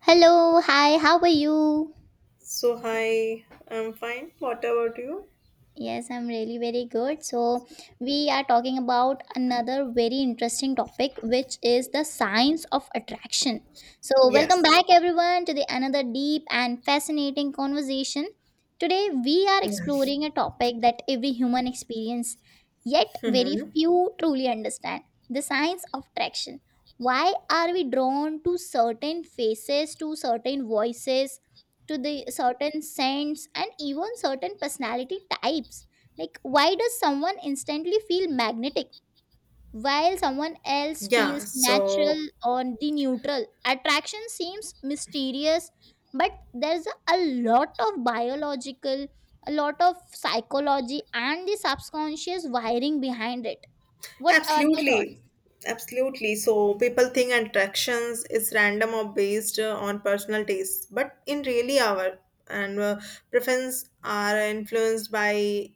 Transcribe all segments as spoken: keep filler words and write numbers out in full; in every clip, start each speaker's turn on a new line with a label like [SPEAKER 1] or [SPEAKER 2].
[SPEAKER 1] Hello, hi, how are you?
[SPEAKER 2] So, hi, I'm fine. What about you?
[SPEAKER 1] Yes, I'm really very good. So, we are talking about another very interesting topic, which is the science of attraction. So, welcome
[SPEAKER 2] Yes.
[SPEAKER 1] back, everyone, to the another deep and fascinating conversation. Today, we are
[SPEAKER 2] Yeah.
[SPEAKER 1] exploring a topic that every human experience, yet very
[SPEAKER 2] Hmm.
[SPEAKER 1] few truly understand the science of attraction. Why are we drawn to certain faces, to certain voices? To the certain scents and even certain personality types. Like, why does someone instantly feel magnetic while someone else
[SPEAKER 2] Yeah.
[SPEAKER 1] feels natural
[SPEAKER 2] So,
[SPEAKER 1] or the neutral? Attraction seems mysterious, but there's a, a lot of biological, a lot of psychology, and the subconscious wiring behind it. What are your thoughts?
[SPEAKER 2] absolutely. Absolutely. So, people think attractions is random or based uh, on personal taste, but in really our and uh, preference are influenced by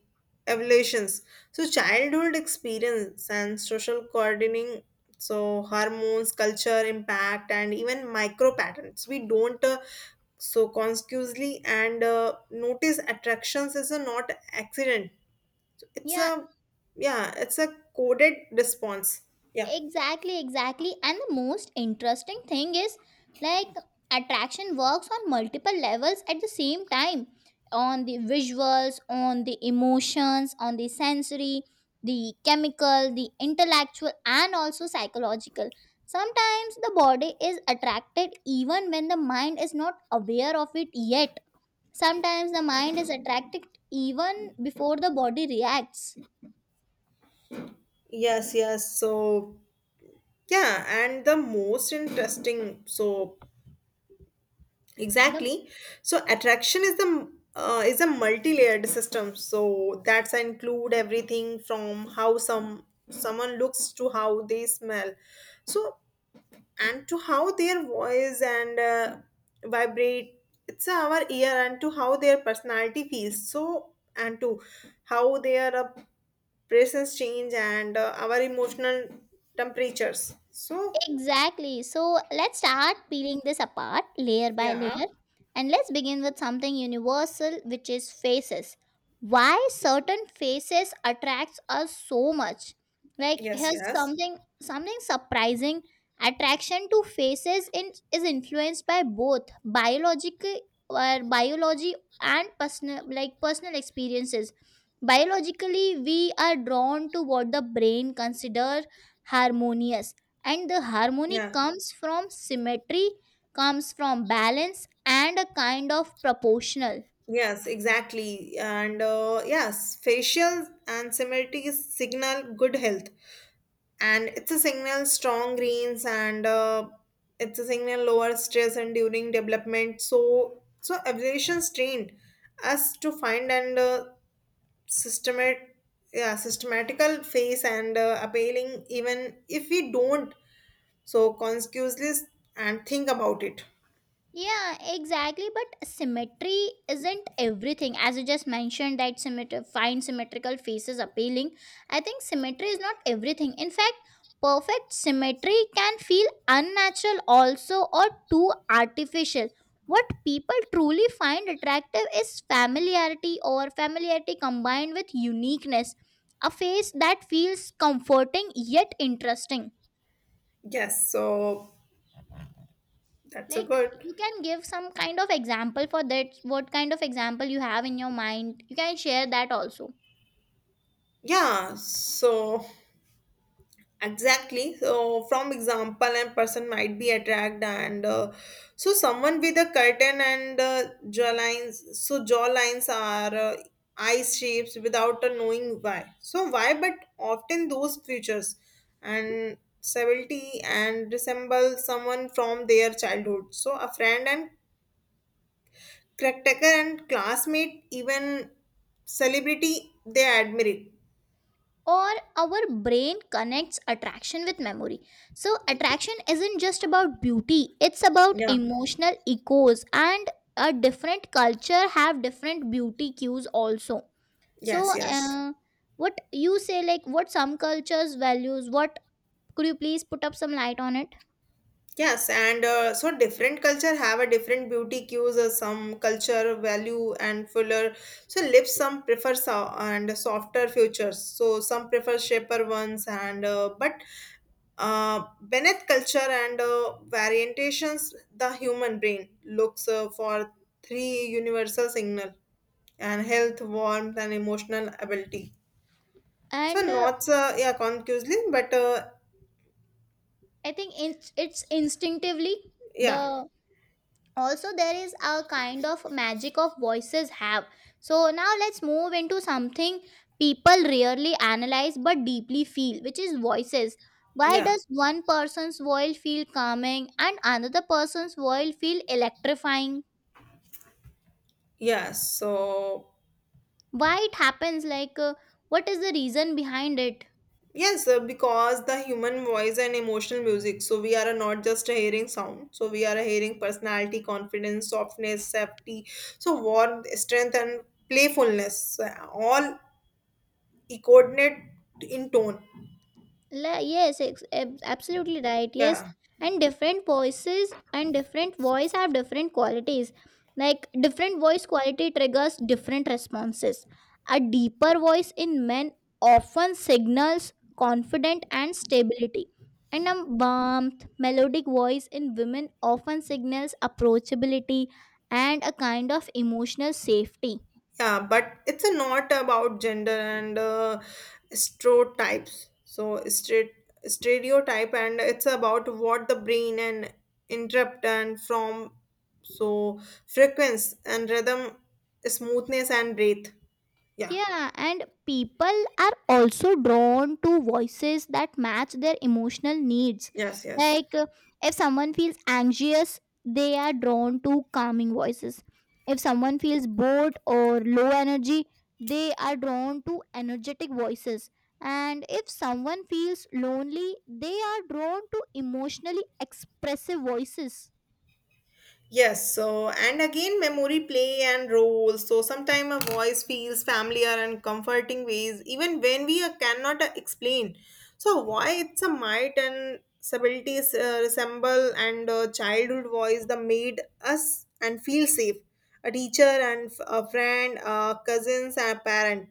[SPEAKER 2] evolutions. So, childhood experience and social coordinating. So, hormones, culture, impact, and even micro patterns. We don't uh, so consciously and uh, notice attractions is a not accident, it's
[SPEAKER 1] Yeah,
[SPEAKER 2] a, yeah, it's a coded response, yeah.
[SPEAKER 1] exactly, exactly. And the most interesting thing is, like, attraction works on multiple levels at the same time, on the visuals, on the emotions, on the sensory, the chemical, the intellectual, and also psychological. Sometimes the body is attracted even when the mind is not aware of it yet. Sometimes the mind is attracted even before the body reacts.
[SPEAKER 2] Yes, yes, so yeah, and the most interesting, so
[SPEAKER 1] The
[SPEAKER 2] exactly. So attraction is the uh, is a multi-layered system, so that's include everything from how some someone looks to how they smell, so and to how their voice and uh, vibrate, it's our ear, and to how their personality feels, so and to how their uh, presence change and uh, our emotional temperatures, so
[SPEAKER 1] Exactly. So let's start peeling this apart layer by
[SPEAKER 2] yeah.
[SPEAKER 1] layer. And let's begin with something universal, which is faces. Why certain faces attracts us so much? Like,
[SPEAKER 2] Yes,
[SPEAKER 1] here's
[SPEAKER 2] yes.
[SPEAKER 1] something something surprising. Attraction to faces in, is influenced by both biological or biology and personal like personal experiences. Biologically, we are drawn to what the brain considers harmonious, and the harmony
[SPEAKER 2] Yeah,
[SPEAKER 1] comes from symmetry, comes from balance and a kind of proportional.
[SPEAKER 2] yes, exactly, and uh, yes, facial and similarity signal good health, and it's a signal strong greens and uh, it's a signal lower stress and during development, so so evaluations trained us to find and uh, systematic, yeah, systematical phase and uh, appealing, even if we don't so consciously and think about it.
[SPEAKER 1] Yeah, exactly. But symmetry isn't everything. As you just mentioned, that symmetry find symmetrical faces appealing. I think symmetry is not everything. In fact, perfect symmetry can feel unnatural also, or too artificial. What people truly find attractive is familiarity, or familiarity combined with uniqueness. A face that feels comforting yet interesting.
[SPEAKER 2] Yes, so that's a
[SPEAKER 1] Like,
[SPEAKER 2] good.
[SPEAKER 1] you can give some kind of example for that. What kind of example you have in your mind? You can share that also.
[SPEAKER 2] Yeah, so exactly. So, from example, and person might be attracted, and uh, so someone with a curtain and uh, jaw lines. So jaw lines are uh, eye shapes without uh, knowing why, so why, but often those features and severity and resemble someone from their childhood. So a friend and caretaker and classmate, even celebrity, they admire it.
[SPEAKER 1] Or our brain connects attraction with memory. So attraction isn't just about beauty. It's about
[SPEAKER 2] Yeah.
[SPEAKER 1] emotional echoes, and a different culture have different beauty cues also. So
[SPEAKER 2] Yes. Yes.
[SPEAKER 1] uh, what you say, like, what some cultures values, what could you please put up some light on it.
[SPEAKER 2] Yes, and uh, so different culture have a different beauty cues. Uh, some culture value and fuller, so lips, some prefer so- and softer features, so some prefer shaper ones and uh, but uh, beneath culture and uh, variantations, the human brain looks uh, for three universal signal and health, warmth, and emotional ability. So
[SPEAKER 1] And uh,
[SPEAKER 2] not uh, yeah, conclusively, but uh,
[SPEAKER 1] I think it's it's instinctively the,
[SPEAKER 2] yeah,
[SPEAKER 1] also there is a kind of magic of voices have. So now let's move into something people rarely analyze but deeply feel, which is voices. Why
[SPEAKER 2] yeah.
[SPEAKER 1] does one person's voice feel calming and another person's voice feel electrifying?
[SPEAKER 2] Yes. So.
[SPEAKER 1] Why it happens, like uh, what is the reason behind it?
[SPEAKER 2] Yes, uh, because the human voice and emotional music, so we are uh, not just hearing sound, so we are hearing personality, confidence, softness, safety. So warmth, strength, and playfulness uh, all echoed in tone.
[SPEAKER 1] La- yes, ex- ab- absolutely right. Yes,
[SPEAKER 2] Yeah.
[SPEAKER 1] and different voices and different voice have different qualities. Like, different voice quality triggers different responses. A deeper voice in men often signals confidence and stability, and a warmth, melodic voice in women often signals approachability and a kind of emotional safety.
[SPEAKER 2] Yeah, but it's a not about gender and uh, stereotypes, so straight stereotype, and it's about what the brain and interrupt and from so frequency and rhythm, smoothness and breath. Yeah.
[SPEAKER 1] Yeah, and people are also drawn to voices that match their emotional needs.
[SPEAKER 2] Yes. Yes.
[SPEAKER 1] Like, uh, if someone feels anxious, they are drawn to calming voices. If someone feels bored or low energy, they are drawn to energetic voices. And if someone feels lonely, they are drawn to emotionally expressive voices.
[SPEAKER 2] Yes, so and again, memory play and role. So sometimes a voice feels familiar and comforting ways, even when we uh, cannot uh, explain, so why it's a might and subtleties uh, resemble and uh, childhood voice that made us and feel safe. A teacher and f- a friend, uh, cousins and a parent.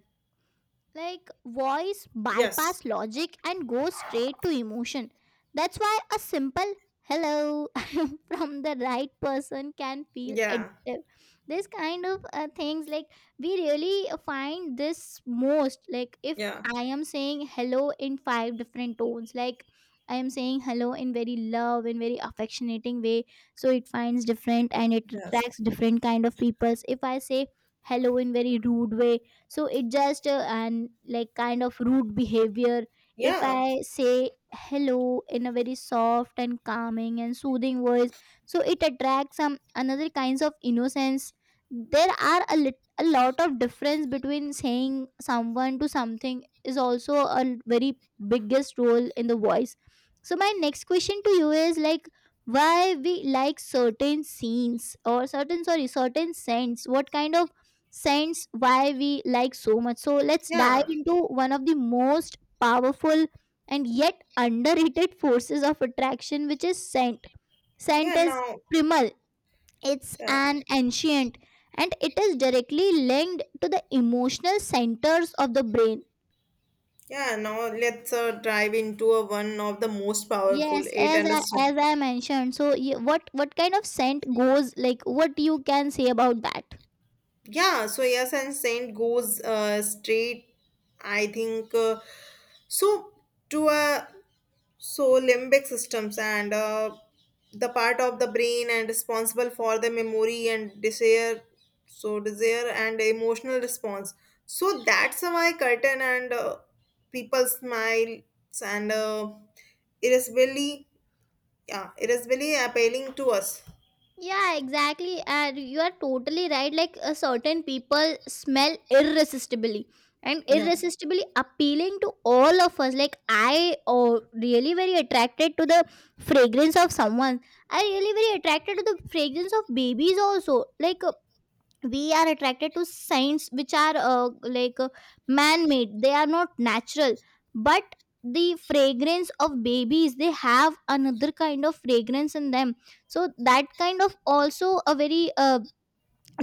[SPEAKER 1] Like, voice
[SPEAKER 2] Yes.
[SPEAKER 1] bypass logic and goes straight to emotion. That's why a simple hello from the right person can feel
[SPEAKER 2] Yeah.
[SPEAKER 1] addictive. This kind of uh, things, like, we really find this most. Like, if
[SPEAKER 2] Yeah.
[SPEAKER 1] I am saying hello in five different tones, like, I am saying hello in very love and very affectionating way, so it finds different and it
[SPEAKER 2] Yes.
[SPEAKER 1] attracts different kind of peoples. If I say hello in very rude way, so it just uh, and like kind of rude behavior. If
[SPEAKER 2] Yeah.
[SPEAKER 1] I say hello in a very soft and calming and soothing voice, so it attracts some another kinds of innocence. There are a, lit- a lot of difference between saying someone to something, is also a very biggest role in the voice. So my next question to you is, like, why we like certain scenes, or certain, sorry, certain scents? What kind of sense why we like so much? So let's dive
[SPEAKER 2] Yeah.
[SPEAKER 1] into one of the most powerful and yet underrated forces of attraction, which is scent.
[SPEAKER 2] Yeah.
[SPEAKER 1] Scent is
[SPEAKER 2] Now.
[SPEAKER 1] primal, it's
[SPEAKER 2] Yeah.
[SPEAKER 1] an ancient, and it is directly linked to the emotional centers of the brain.
[SPEAKER 2] Yeah, now let's uh, dive into a, one of the most powerful
[SPEAKER 1] Yes,
[SPEAKER 2] eight
[SPEAKER 1] as I
[SPEAKER 2] understand.
[SPEAKER 1] as I mentioned. So, y- what what kind of scent goes like? What you can say about that?
[SPEAKER 2] Yeah, so yes, and Saint goes uh, straight. I think uh, so to a so limbic systems and uh, the part of the brain and responsible for the memory and desire. So desire and emotional response. So that's why curtain and uh, people smiles and uh, irascibly. Yeah, it is really appealing to us.
[SPEAKER 1] Yeah, exactly. And you are totally right. Like, uh, certain people smell irresistibly, and
[SPEAKER 2] Yeah,
[SPEAKER 1] irresistibly appealing to all of us. Like, I, oh, really very attracted to the fragrance of someone. I really very attracted to the fragrance of babies also. Like, we are attracted to signs which are, uh, like uh, man made, they are not natural, but the fragrance of babies, they have another kind of fragrance in them. So that kind of also a very uh,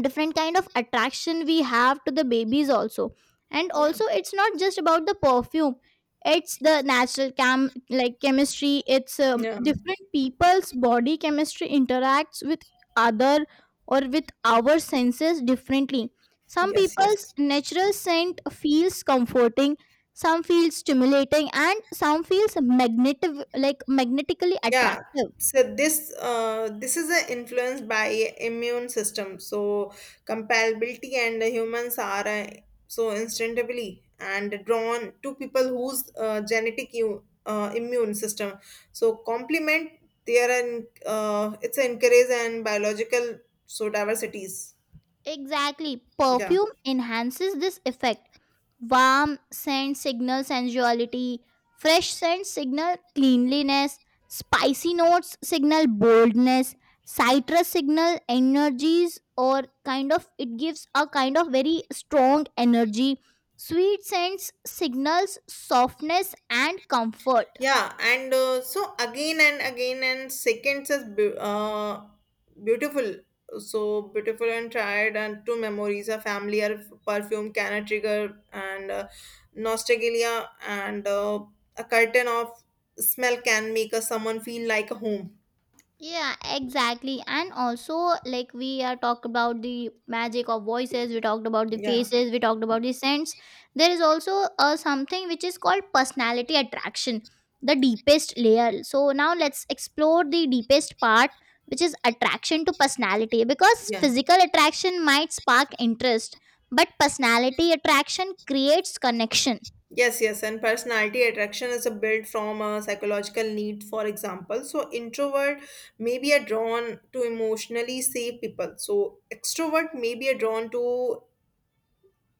[SPEAKER 1] different kind of attraction we have to the babies also. And
[SPEAKER 2] yeah,
[SPEAKER 1] also, it's not just about the perfume, it's the natural cam like chemistry. It's um,
[SPEAKER 2] yeah.
[SPEAKER 1] different people's body chemistry interacts with other, or with our senses differently. Some
[SPEAKER 2] Yes,
[SPEAKER 1] people's
[SPEAKER 2] yes.
[SPEAKER 1] natural scent feels comforting, some feels stimulating, and some feels magnetic, like magnetically
[SPEAKER 2] Yeah.
[SPEAKER 1] attractive.
[SPEAKER 2] So this uh, this is uh, influenced by immune system. So compatibility and the humans are uh, so instinctively and drawn to people whose uh, genetic u- uh, immune system so complement, they are an uh, it's encourage and biological so diversities.
[SPEAKER 1] Exactly.
[SPEAKER 2] Yeah.
[SPEAKER 1] Perfume enhances this effect. Warm scent signal sensuality, fresh scent signal cleanliness, spicy notes signal boldness, citrus signal energies, or kind of it gives a kind of very strong energy. Sweet scents signals softness and comfort.
[SPEAKER 2] Yeah, and uh, so again and again and seconds is beau- uh, beautiful. So beautiful and tired and two memories, a family or f- perfume can a trigger and uh, nostalgia, and uh, a curtain of smell can make a someone feel like a home.
[SPEAKER 1] Yeah, exactly. And also, like, we are talked about the magic of voices, we talked about the
[SPEAKER 2] Yeah,
[SPEAKER 1] faces, we talked about the scents. There is also uh, something which is called personality attraction, the deepest layer. So now let's explore the deepest part, which is attraction to personality. Because
[SPEAKER 2] yeah.
[SPEAKER 1] physical attraction might spark interest, but personality attraction creates connection.
[SPEAKER 2] Yes, yes, and personality attraction is a built from a psychological need, for example. So introvert may be a drawn to emotionally safe people. So extrovert may be a drawn to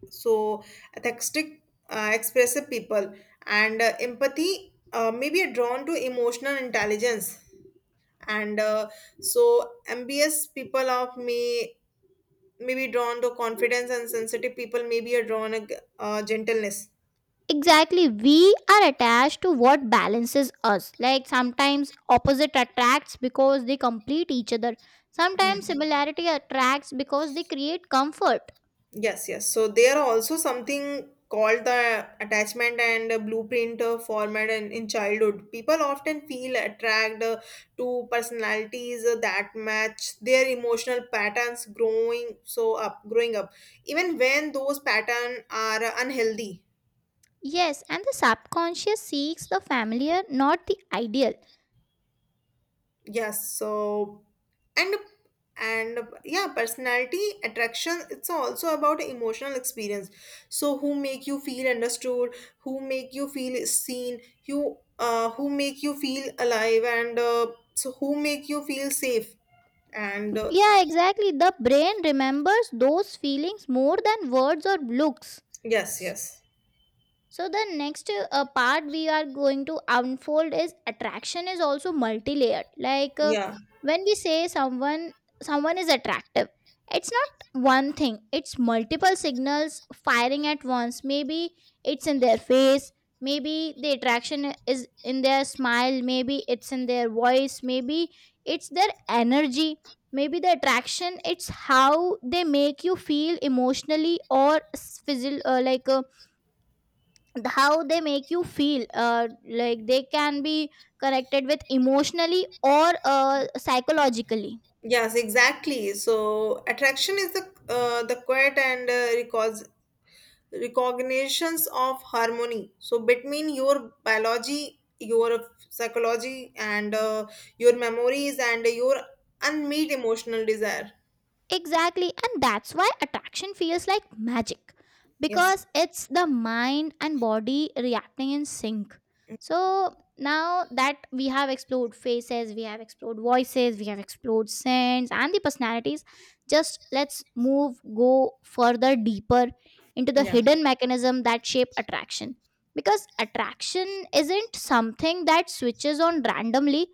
[SPEAKER 2] so atheistic, uh, expressive people, and uh, empathy uh, may be a drawn to emotional intelligence. And uh, so ambitious people of may may be drawn to confidence, and sensitive people may be a drawn to uh, gentleness.
[SPEAKER 1] Exactly, we are attached to what balances us. Like, sometimes opposite attracts because they complete each other,
[SPEAKER 2] Hmm.
[SPEAKER 1] sometimes similarity attracts because they create comfort.
[SPEAKER 2] Yes, yes. So there are also something called the attachment and uh, blueprint uh, format in, in childhood. People often feel attracted uh, to personalities uh, that match their emotional patterns growing so up growing up, even when those patterns are uh, unhealthy.
[SPEAKER 1] Yes, and the subconscious seeks the familiar, not the ideal.
[SPEAKER 2] Yes, so and and yeah, personality attraction it's also about emotional experience, so who make you feel understood, who make you feel seen you uh, who make you feel alive and uh, so who make you feel safe and uh,
[SPEAKER 1] Yeah, exactly, the brain remembers those feelings more than words or looks.
[SPEAKER 2] yes, yes.
[SPEAKER 1] So the next uh, part we are going to unfold is attraction is also multi-layered. Like, uh,
[SPEAKER 2] Yeah,
[SPEAKER 1] when we say someone, someone is attractive, it's not one thing. It's multiple signals firing at once. Maybe it's in their face. Maybe the attraction is in their smile. Maybe it's in their voice. Maybe it's their energy. Maybe the attraction, it's how they make you feel emotionally or s- physi- uh, like. Uh, th- how they make you feel uh, like they can be connected with emotionally or uh, psychologically.
[SPEAKER 2] yes, exactly. So attraction is the uh, the quiet and uh, recall recognitions of harmony, so between your biology, your psychology and uh, your memories and your unmet emotional desire.
[SPEAKER 1] Exactly, and that's why attraction feels like magic,
[SPEAKER 2] Yes.
[SPEAKER 1] because it's the mind and body reacting in sync. So now that we have explored faces, we have explored voices, we have explored scents and the personalities, just let's move, go further deeper into the
[SPEAKER 2] Yeah.
[SPEAKER 1] hidden mechanism that shape attraction. Because attraction isn't something that switches on randomly,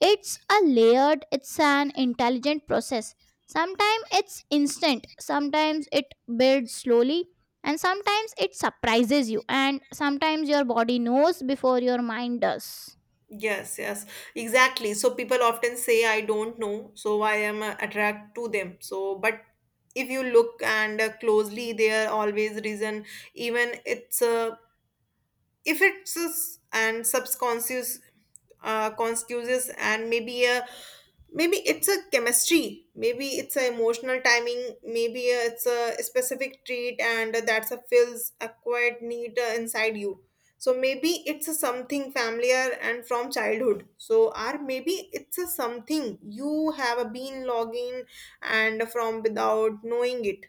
[SPEAKER 1] it's a layered, it's an intelligent process. Sometimes it's instant, sometimes it builds slowly, and sometimes it surprises you, and sometimes your body knows before your mind does.
[SPEAKER 2] Yes, yes, exactly. So people often say I don't know, so I am uh, attract to them, so but if you look and uh, closely there are always reason, even it's uh, if it's uh, and subconscious uh, conscious, and maybe a maybe it's a chemistry, maybe it's a emotional timing, maybe it's a specific treat and that's a fills a quiet need uh, inside you. So maybe it's a something familiar and from childhood, so or maybe it's a something you have a been logging and from without knowing it.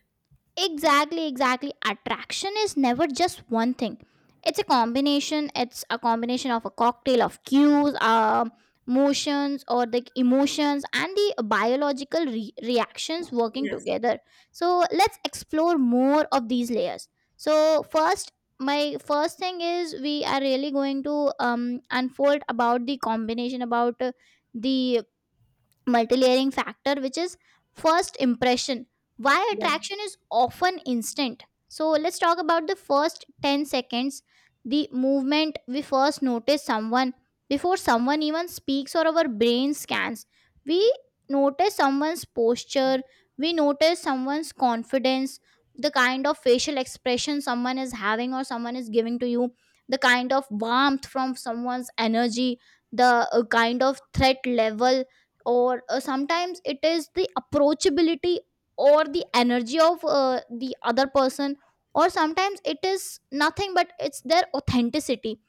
[SPEAKER 1] Exactly, exactly. Attraction is never just one thing. It's a combination. It's a combination of a cocktail of cues, uh, motions, or the emotions and the biological re- reactions working
[SPEAKER 2] Yes.
[SPEAKER 1] together. So let's explore more of these layers. So first, my first thing is we are really going to um, unfold about the combination about uh, the multi-layering factor, which is first impression, why
[SPEAKER 2] Yeah.
[SPEAKER 1] attraction is often instant. So let's talk about the first ten seconds, the movement we first notice someone. Before someone even speaks, or our brain scans, we notice someone's posture, we notice someone's confidence, the kind of facial expression someone is having or someone is giving to you, the kind of warmth from someone's energy, the uh, kind of threat level, or uh, sometimes it is the approachability, or the energy of uh, the other person, or sometimes it is nothing but it's their authenticity,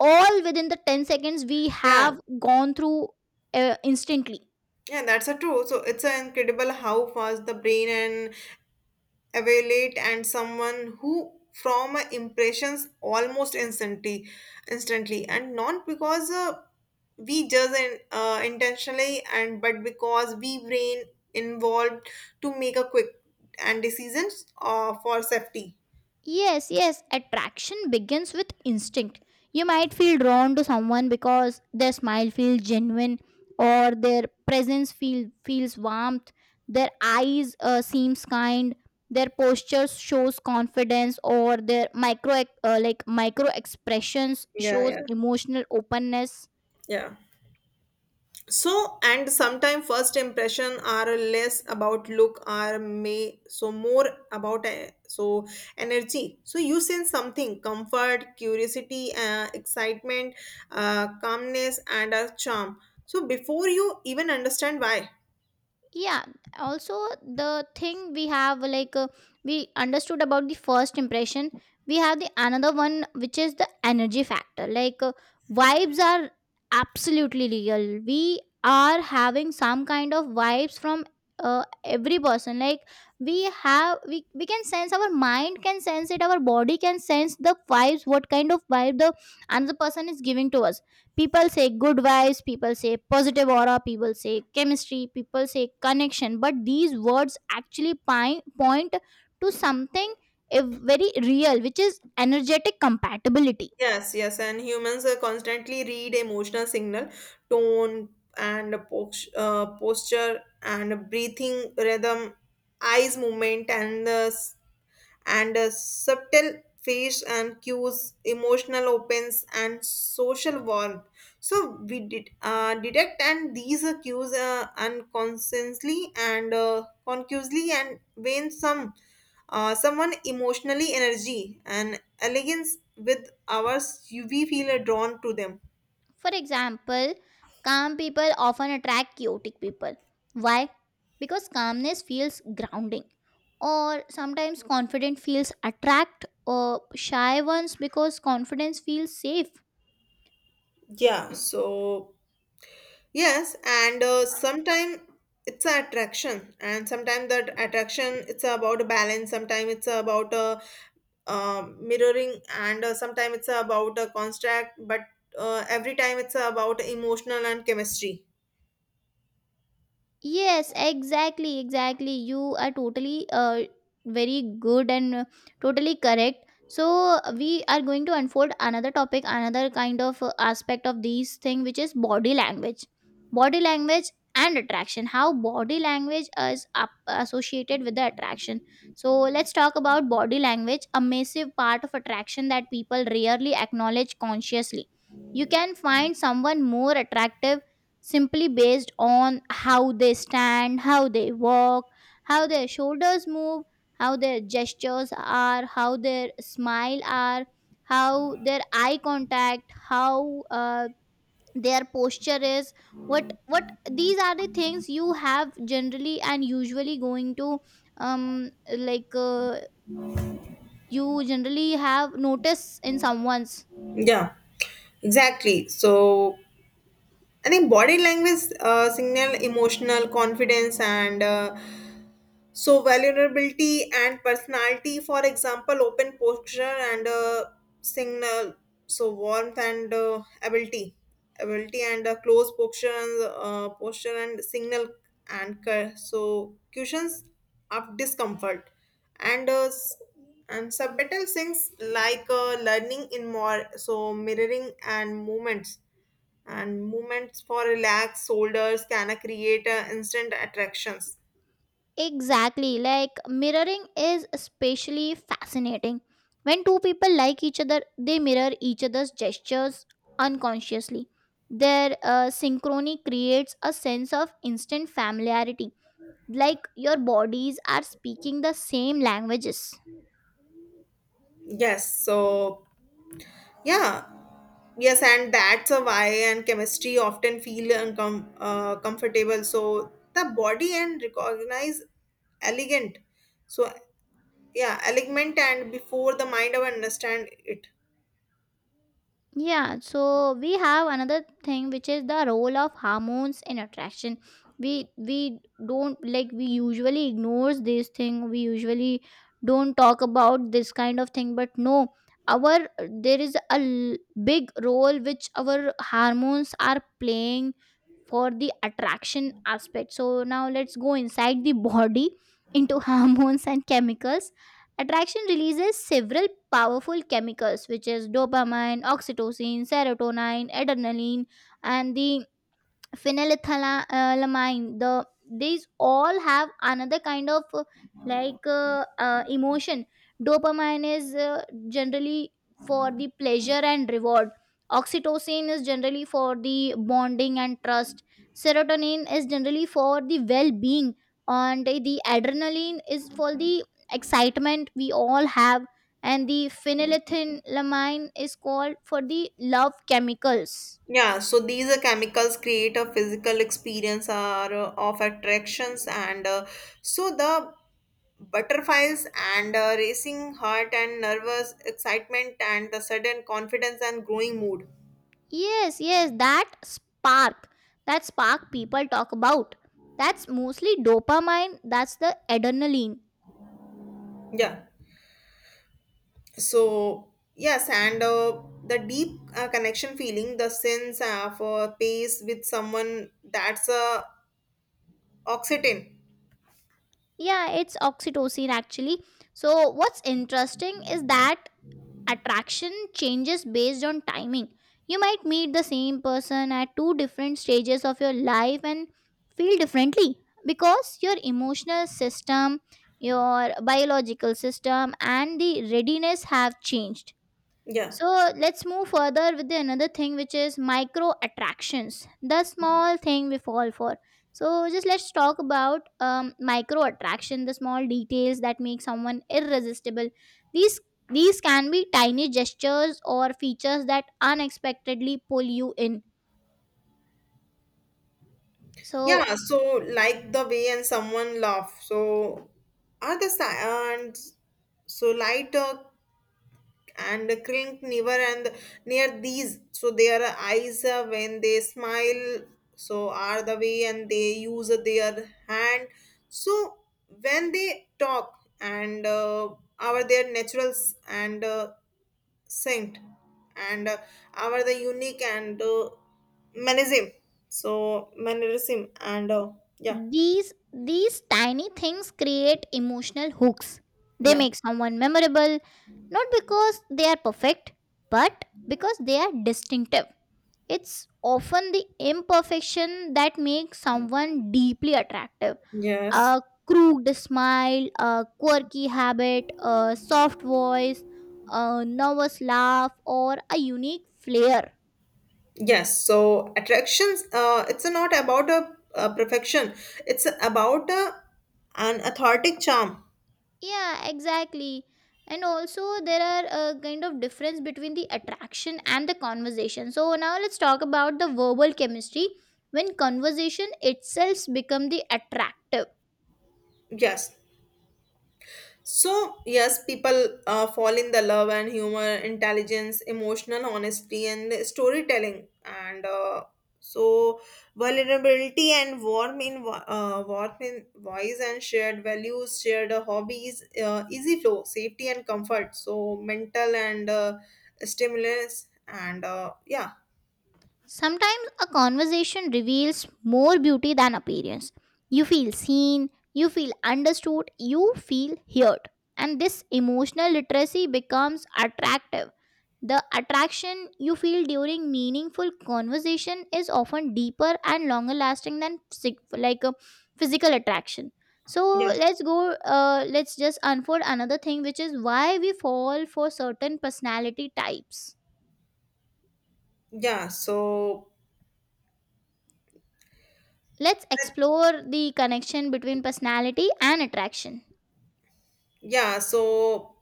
[SPEAKER 1] all within the ten seconds we
[SPEAKER 2] Yeah,
[SPEAKER 1] have gone through uh, instantly.
[SPEAKER 2] yeah, that's a true. So it's a incredible how fast the brain and availate and someone who from uh, impressions almost instantly instantly, and not because uh, we judge in, uh, intentionally and but because we brain involved to make a quick and decisions uh, for safety.
[SPEAKER 1] Yes, yes, attraction begins with instinct. You might feel drawn to someone because their smile feels genuine, or their presence feel feels warmth, their eyes uh, seems kind, their posture shows confidence, or their micro ex- uh, like micro expressions
[SPEAKER 2] Yeah,
[SPEAKER 1] shows
[SPEAKER 2] yeah,
[SPEAKER 1] emotional openness.
[SPEAKER 2] yeah. So and sometimes first impression are less about look are may so more about uh, so energy, so you sense something comfort, curiosity, uh, excitement, uh, calmness and a charm, so before you even understand why.
[SPEAKER 1] Yeah, also the thing we have like uh, we understood about the first impression. We have the another one which is the energy factor, like uh, vibes are absolutely real. We are having some kind of vibes from uh, every person. Like we have we, we can sense, our mind can sense it, our body can sense the vibes, what kind of vibe the another person is giving to us. People say good vibes, people say positive aura, people say chemistry, people say connection, but these words actually pi- point to something eh, very real, which is energetic compatibility.
[SPEAKER 2] Yes, yes, and humans uh, constantly read emotional signal, tone and post, uh, posture and breathing rhythm, eyes movement and the and uh, subtle face and cues, emotional opens and social warmth. So we did uh, detect and these are cues uh, unconsciously and uh, concusely, and when some uh, someone emotionally energy and elegance with ours, you- we feel uh, drawn to them.
[SPEAKER 1] For example, calm people often attract chaotic people. Why? Because calmness feels grounding, or sometimes confident feels attract or shy ones because confidence feels safe.
[SPEAKER 2] Yeah, so yes, and uh, sometimes it's an attraction, and sometimes that attraction it's about a balance. Sometimes it's about a um mirroring and uh, sometimes it's about a contract, but uh, every time it's about emotional and chemistry.
[SPEAKER 1] Yes, exactly, exactly. You are totally uh, very good, and uh, totally correct. So uh, we are going to unfold another topic, another kind of uh, aspect of these thing, which is body language, body language and attraction. How body language is up associated with the attraction. So let's talk about body language, a massive part of attraction that people rarely acknowledge consciously. You can find someone more attractive simply based on how they stand, how they walk, how their shoulders move, how their gestures are, how their smile are, how their eye contact, how uh, their posture is. What what these are the things you have generally and usually going to um like uh, you generally have notice in someone's.
[SPEAKER 2] Yeah, exactly. So I think body language uh, signal emotional confidence and uh, so vulnerability and personality, for example, open posture and uh, signal. So warmth and uh, ability, ability and uh, close posture and uh, posture and signal and cur- so cushions of discomfort and uh, s- and subtitle things like uh, learning in more so mirroring and movements and movements for relaxed shoulders can uh, create uh, instant attractions.
[SPEAKER 1] Exactly. Like mirroring is especially fascinating. When two people like each other, they mirror each other's gestures unconsciously. Their uh, synchrony creates a sense of instant familiarity, like your bodies are speaking the same languages.
[SPEAKER 2] Yes, so yeah, yes, and that's a why and chemistry often feel uncom- uh, comfortable. So the body and recognize elegant. So yeah, elegant and before the mind of understand it.
[SPEAKER 1] Yeah, so we have another thing which is the role of hormones in attraction. We we don't like, we usually ignores this thing. We usually don't talk about this kind of thing, but no, our there is a l- big role which our hormones are playing for the attraction aspect. So now let's go inside the body into hormones and chemicals. Attraction releases several powerful chemicals, which is dopamine, oxytocin, serotonin, adrenaline, and the phenylethylamine. The these all have another kind of uh, like uh, uh, emotion. Dopamine is uh, generally for the pleasure and reward. Oxytocin is generally for the bonding and trust. Serotonin is generally for the well-being, and the adrenaline is for the excitement we all have, and the phenylethylamine is called for the love chemicals.
[SPEAKER 2] Yeah, so these uh, chemicals create a physical experience are uh, of attractions and uh, so the butterflies and uh, racing heart and nervous excitement and the sudden confidence and growing mood.
[SPEAKER 1] Yes, yes, that spark, that spark people talk about. That's mostly dopamine, that's the adrenaline.
[SPEAKER 2] Yeah. So yes, and uh, the deep uh, connection feeling the sense of uh, pace with someone, that's uh, oxytocin.
[SPEAKER 1] Yeah, it's oxytocin actually. So what's interesting is that attraction changes based on timing. You might meet the same person at two different stages of your life and feel differently because your emotional system, your biological system, and the readiness have changed.
[SPEAKER 2] Yeah.
[SPEAKER 1] So let's move further with the another thing, which is micro attractions, the small thing we fall for. So just let's talk about um, micro attraction, the small details that make someone irresistible. These these can be tiny gestures or features that unexpectedly pull you in.
[SPEAKER 2] Yeah,
[SPEAKER 1] So
[SPEAKER 2] so like the way and someone laugh, so are the si- and so light uh, and clink never and near these, so their eyes uh, when they smile, so are the way and they use their hand, so when they talk and uh, are their naturals and uh, scent and uh, are the unique and uh, mannerism, so mannerism and uh, yeah,
[SPEAKER 1] these these tiny things create emotional hooks. They
[SPEAKER 2] yeah,
[SPEAKER 1] make someone memorable not because they are perfect, but because they are distinctive. It's often the imperfection that makes someone deeply attractive.
[SPEAKER 2] yes.
[SPEAKER 1] A crooked smile, a quirky habit, a soft voice, a nervous laugh, or a unique flair.
[SPEAKER 2] Yes, so attractions, uh, it's not about a, a perfection, it's about a, an authentic charm.
[SPEAKER 1] Yeah, exactly. And also, there are a kind of difference between the attraction and the conversation. So now let's talk about the verbal chemistry, when conversation itself become the attractive.
[SPEAKER 2] Yes. So, yes, people uh, fall in the love and humor, intelligence, emotional honesty, and storytelling, and uh, so vulnerability and warmth in vo- uh, warmth in voice, and shared values, shared hobbies, uh, easy flow, safety and comfort. So mental and uh, stimulus and uh, yeah.
[SPEAKER 1] Sometimes a conversation reveals more beauty than appearance. You feel seen, you feel understood, you feel heard. And this emotional literacy becomes attractive. The attraction you feel during meaningful conversation is often deeper and longer lasting than psych- like a physical attraction. So
[SPEAKER 2] Yes.
[SPEAKER 1] let's go uh, let's just unfold another thing, which is why we fall for certain personality types.
[SPEAKER 2] Yeah. So,
[SPEAKER 1] Let's explore the connection between personality and attraction.
[SPEAKER 2] yeah. So,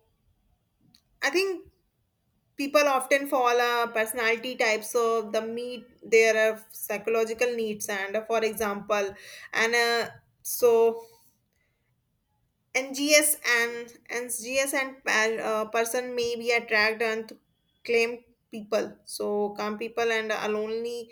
[SPEAKER 2] I think people often fall a personality type. So, the meet their uh, psychological needs. And uh, for example, and uh, so N G S and NGS and uh, person may be attract and claim people. So calm people and a lonely,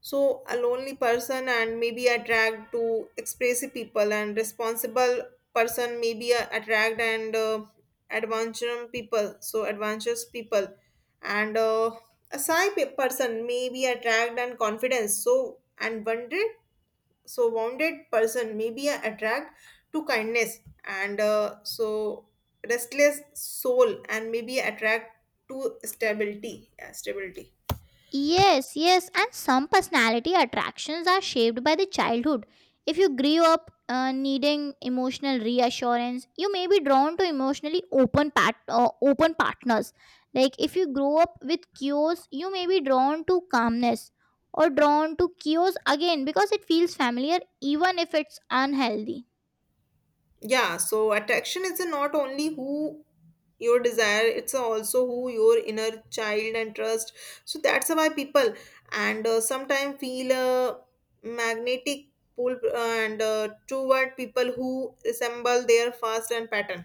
[SPEAKER 2] so a lonely person and may be attract to expressive people, and responsible person may be uh, attract and uh, adventurous people. So adventurous people and uh, a shy pe- person may be attract and confidence. So and wonder, so wounded person may be attracted to kindness and uh, so restless soul and may be attracted to stability, yeah, stability.
[SPEAKER 1] Yes, yes, and some personality attractions are shaped by the childhood. If you grew up uh, needing emotional reassurance, you may be drawn to emotionally open pat- uh, open partners. Like if you grow up with chaos, you may be drawn to calmness or drawn to chaos again because it feels familiar even if it's unhealthy.
[SPEAKER 2] Yeah, so attraction is not only who your desire, it's also who your inner child and trust, so that's why people and uh, sometimes feel a magnetic pull uh, and uh, toward people who resemble their fast and pattern.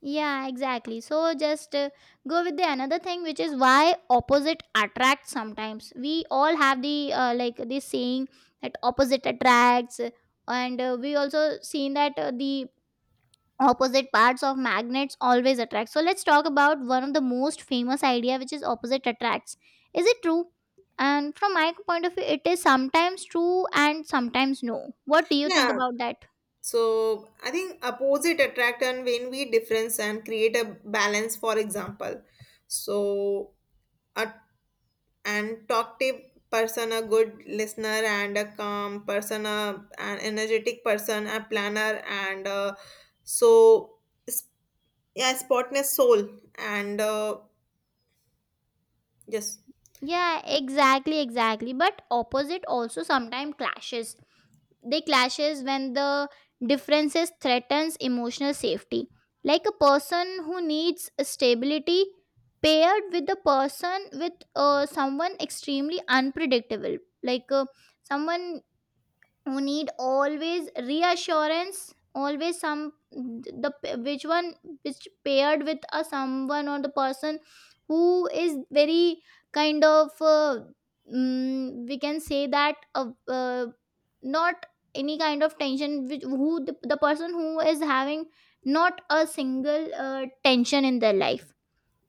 [SPEAKER 1] Yeah, exactly. So just uh, go with the another thing, which is why opposite attract. Sometimes we all have the uh, like this saying that opposite attracts, uh, and uh, we also seen that uh, the opposite parts of magnets always attract. So let's talk about one of the most famous idea, which is opposite attracts. Is it true? And from my point of view, it is sometimes true and sometimes no. What do you think
[SPEAKER 2] Yeah.
[SPEAKER 1] about that?
[SPEAKER 2] So I think opposite attract and when we difference and create a balance, for example. So a and talkative person, a good listener and a calm person, a, an energetic person, a planner and uh, so s- yeah, spotless soul and uh, yes,
[SPEAKER 1] Yeah, exactly, exactly. But opposite also sometimes clashes. They clashes when the differences threatens emotional safety. Like a person who needs stability paired with the person with uh, someone extremely unpredictable. Like uh, someone who need always reassurance, always some the which one which paired with a someone or the person who is very kind of uh, mm, we can say that uh, uh, not any kind of tension, which who the, the person who is having not a single uh, tension in their life.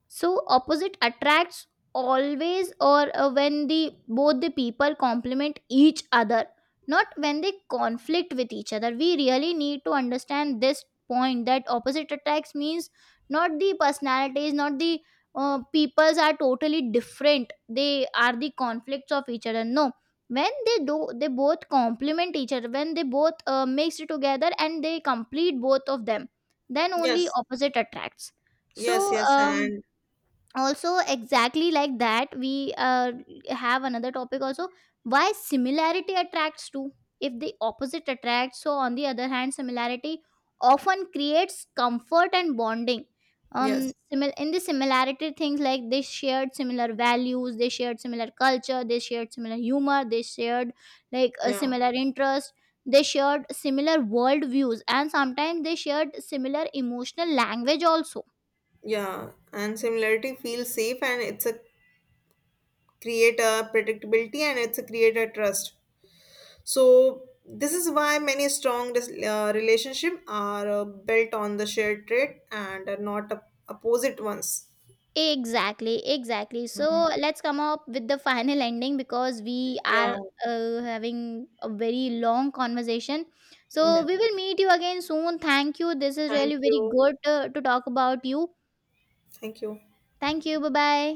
[SPEAKER 1] So opposite attracts always, or uh, when the both the people complement each other, not when they conflict with each other. We really need to understand this point, that opposite attracts means not the personalities, not the uh, peoples are totally different, they are the conflicts of each other. No, when they do, they both complement each other. When they both uh, mixed together and they complete both of them, then only
[SPEAKER 2] yes,
[SPEAKER 1] opposite attracts.
[SPEAKER 2] yes,
[SPEAKER 1] so
[SPEAKER 2] yes,
[SPEAKER 1] um
[SPEAKER 2] and
[SPEAKER 1] also exactly like that, we uh, have another topic also, why similarity attracts too. If the opposite attracts, so on the other hand, similarity often creates comfort and bonding. Um,
[SPEAKER 2] yes,
[SPEAKER 1] simil- in the similarity things, like they shared similar values, they shared similar culture, they shared similar humor, they shared like a
[SPEAKER 2] yeah,
[SPEAKER 1] similar interest, they shared similar world views, and sometimes they shared similar emotional language also.
[SPEAKER 2] yeah, and similarity feels safe, and it's a create a predictability and it's a create a trust. So this is why many strong dis- uh, relationship are uh, built on the shared trait and are not op- opposite ones.
[SPEAKER 1] Exactly, exactly. So
[SPEAKER 2] Um,
[SPEAKER 1] let's come up with the final ending because we
[SPEAKER 2] Yeah.
[SPEAKER 1] are uh, having a very long conversation. So
[SPEAKER 2] Yeah.
[SPEAKER 1] we will meet you again soon. Thank you. This is
[SPEAKER 2] Thank
[SPEAKER 1] really very
[SPEAKER 2] you.
[SPEAKER 1] good uh, to talk about you.
[SPEAKER 2] Thank you.
[SPEAKER 1] Thank you. Bye bye.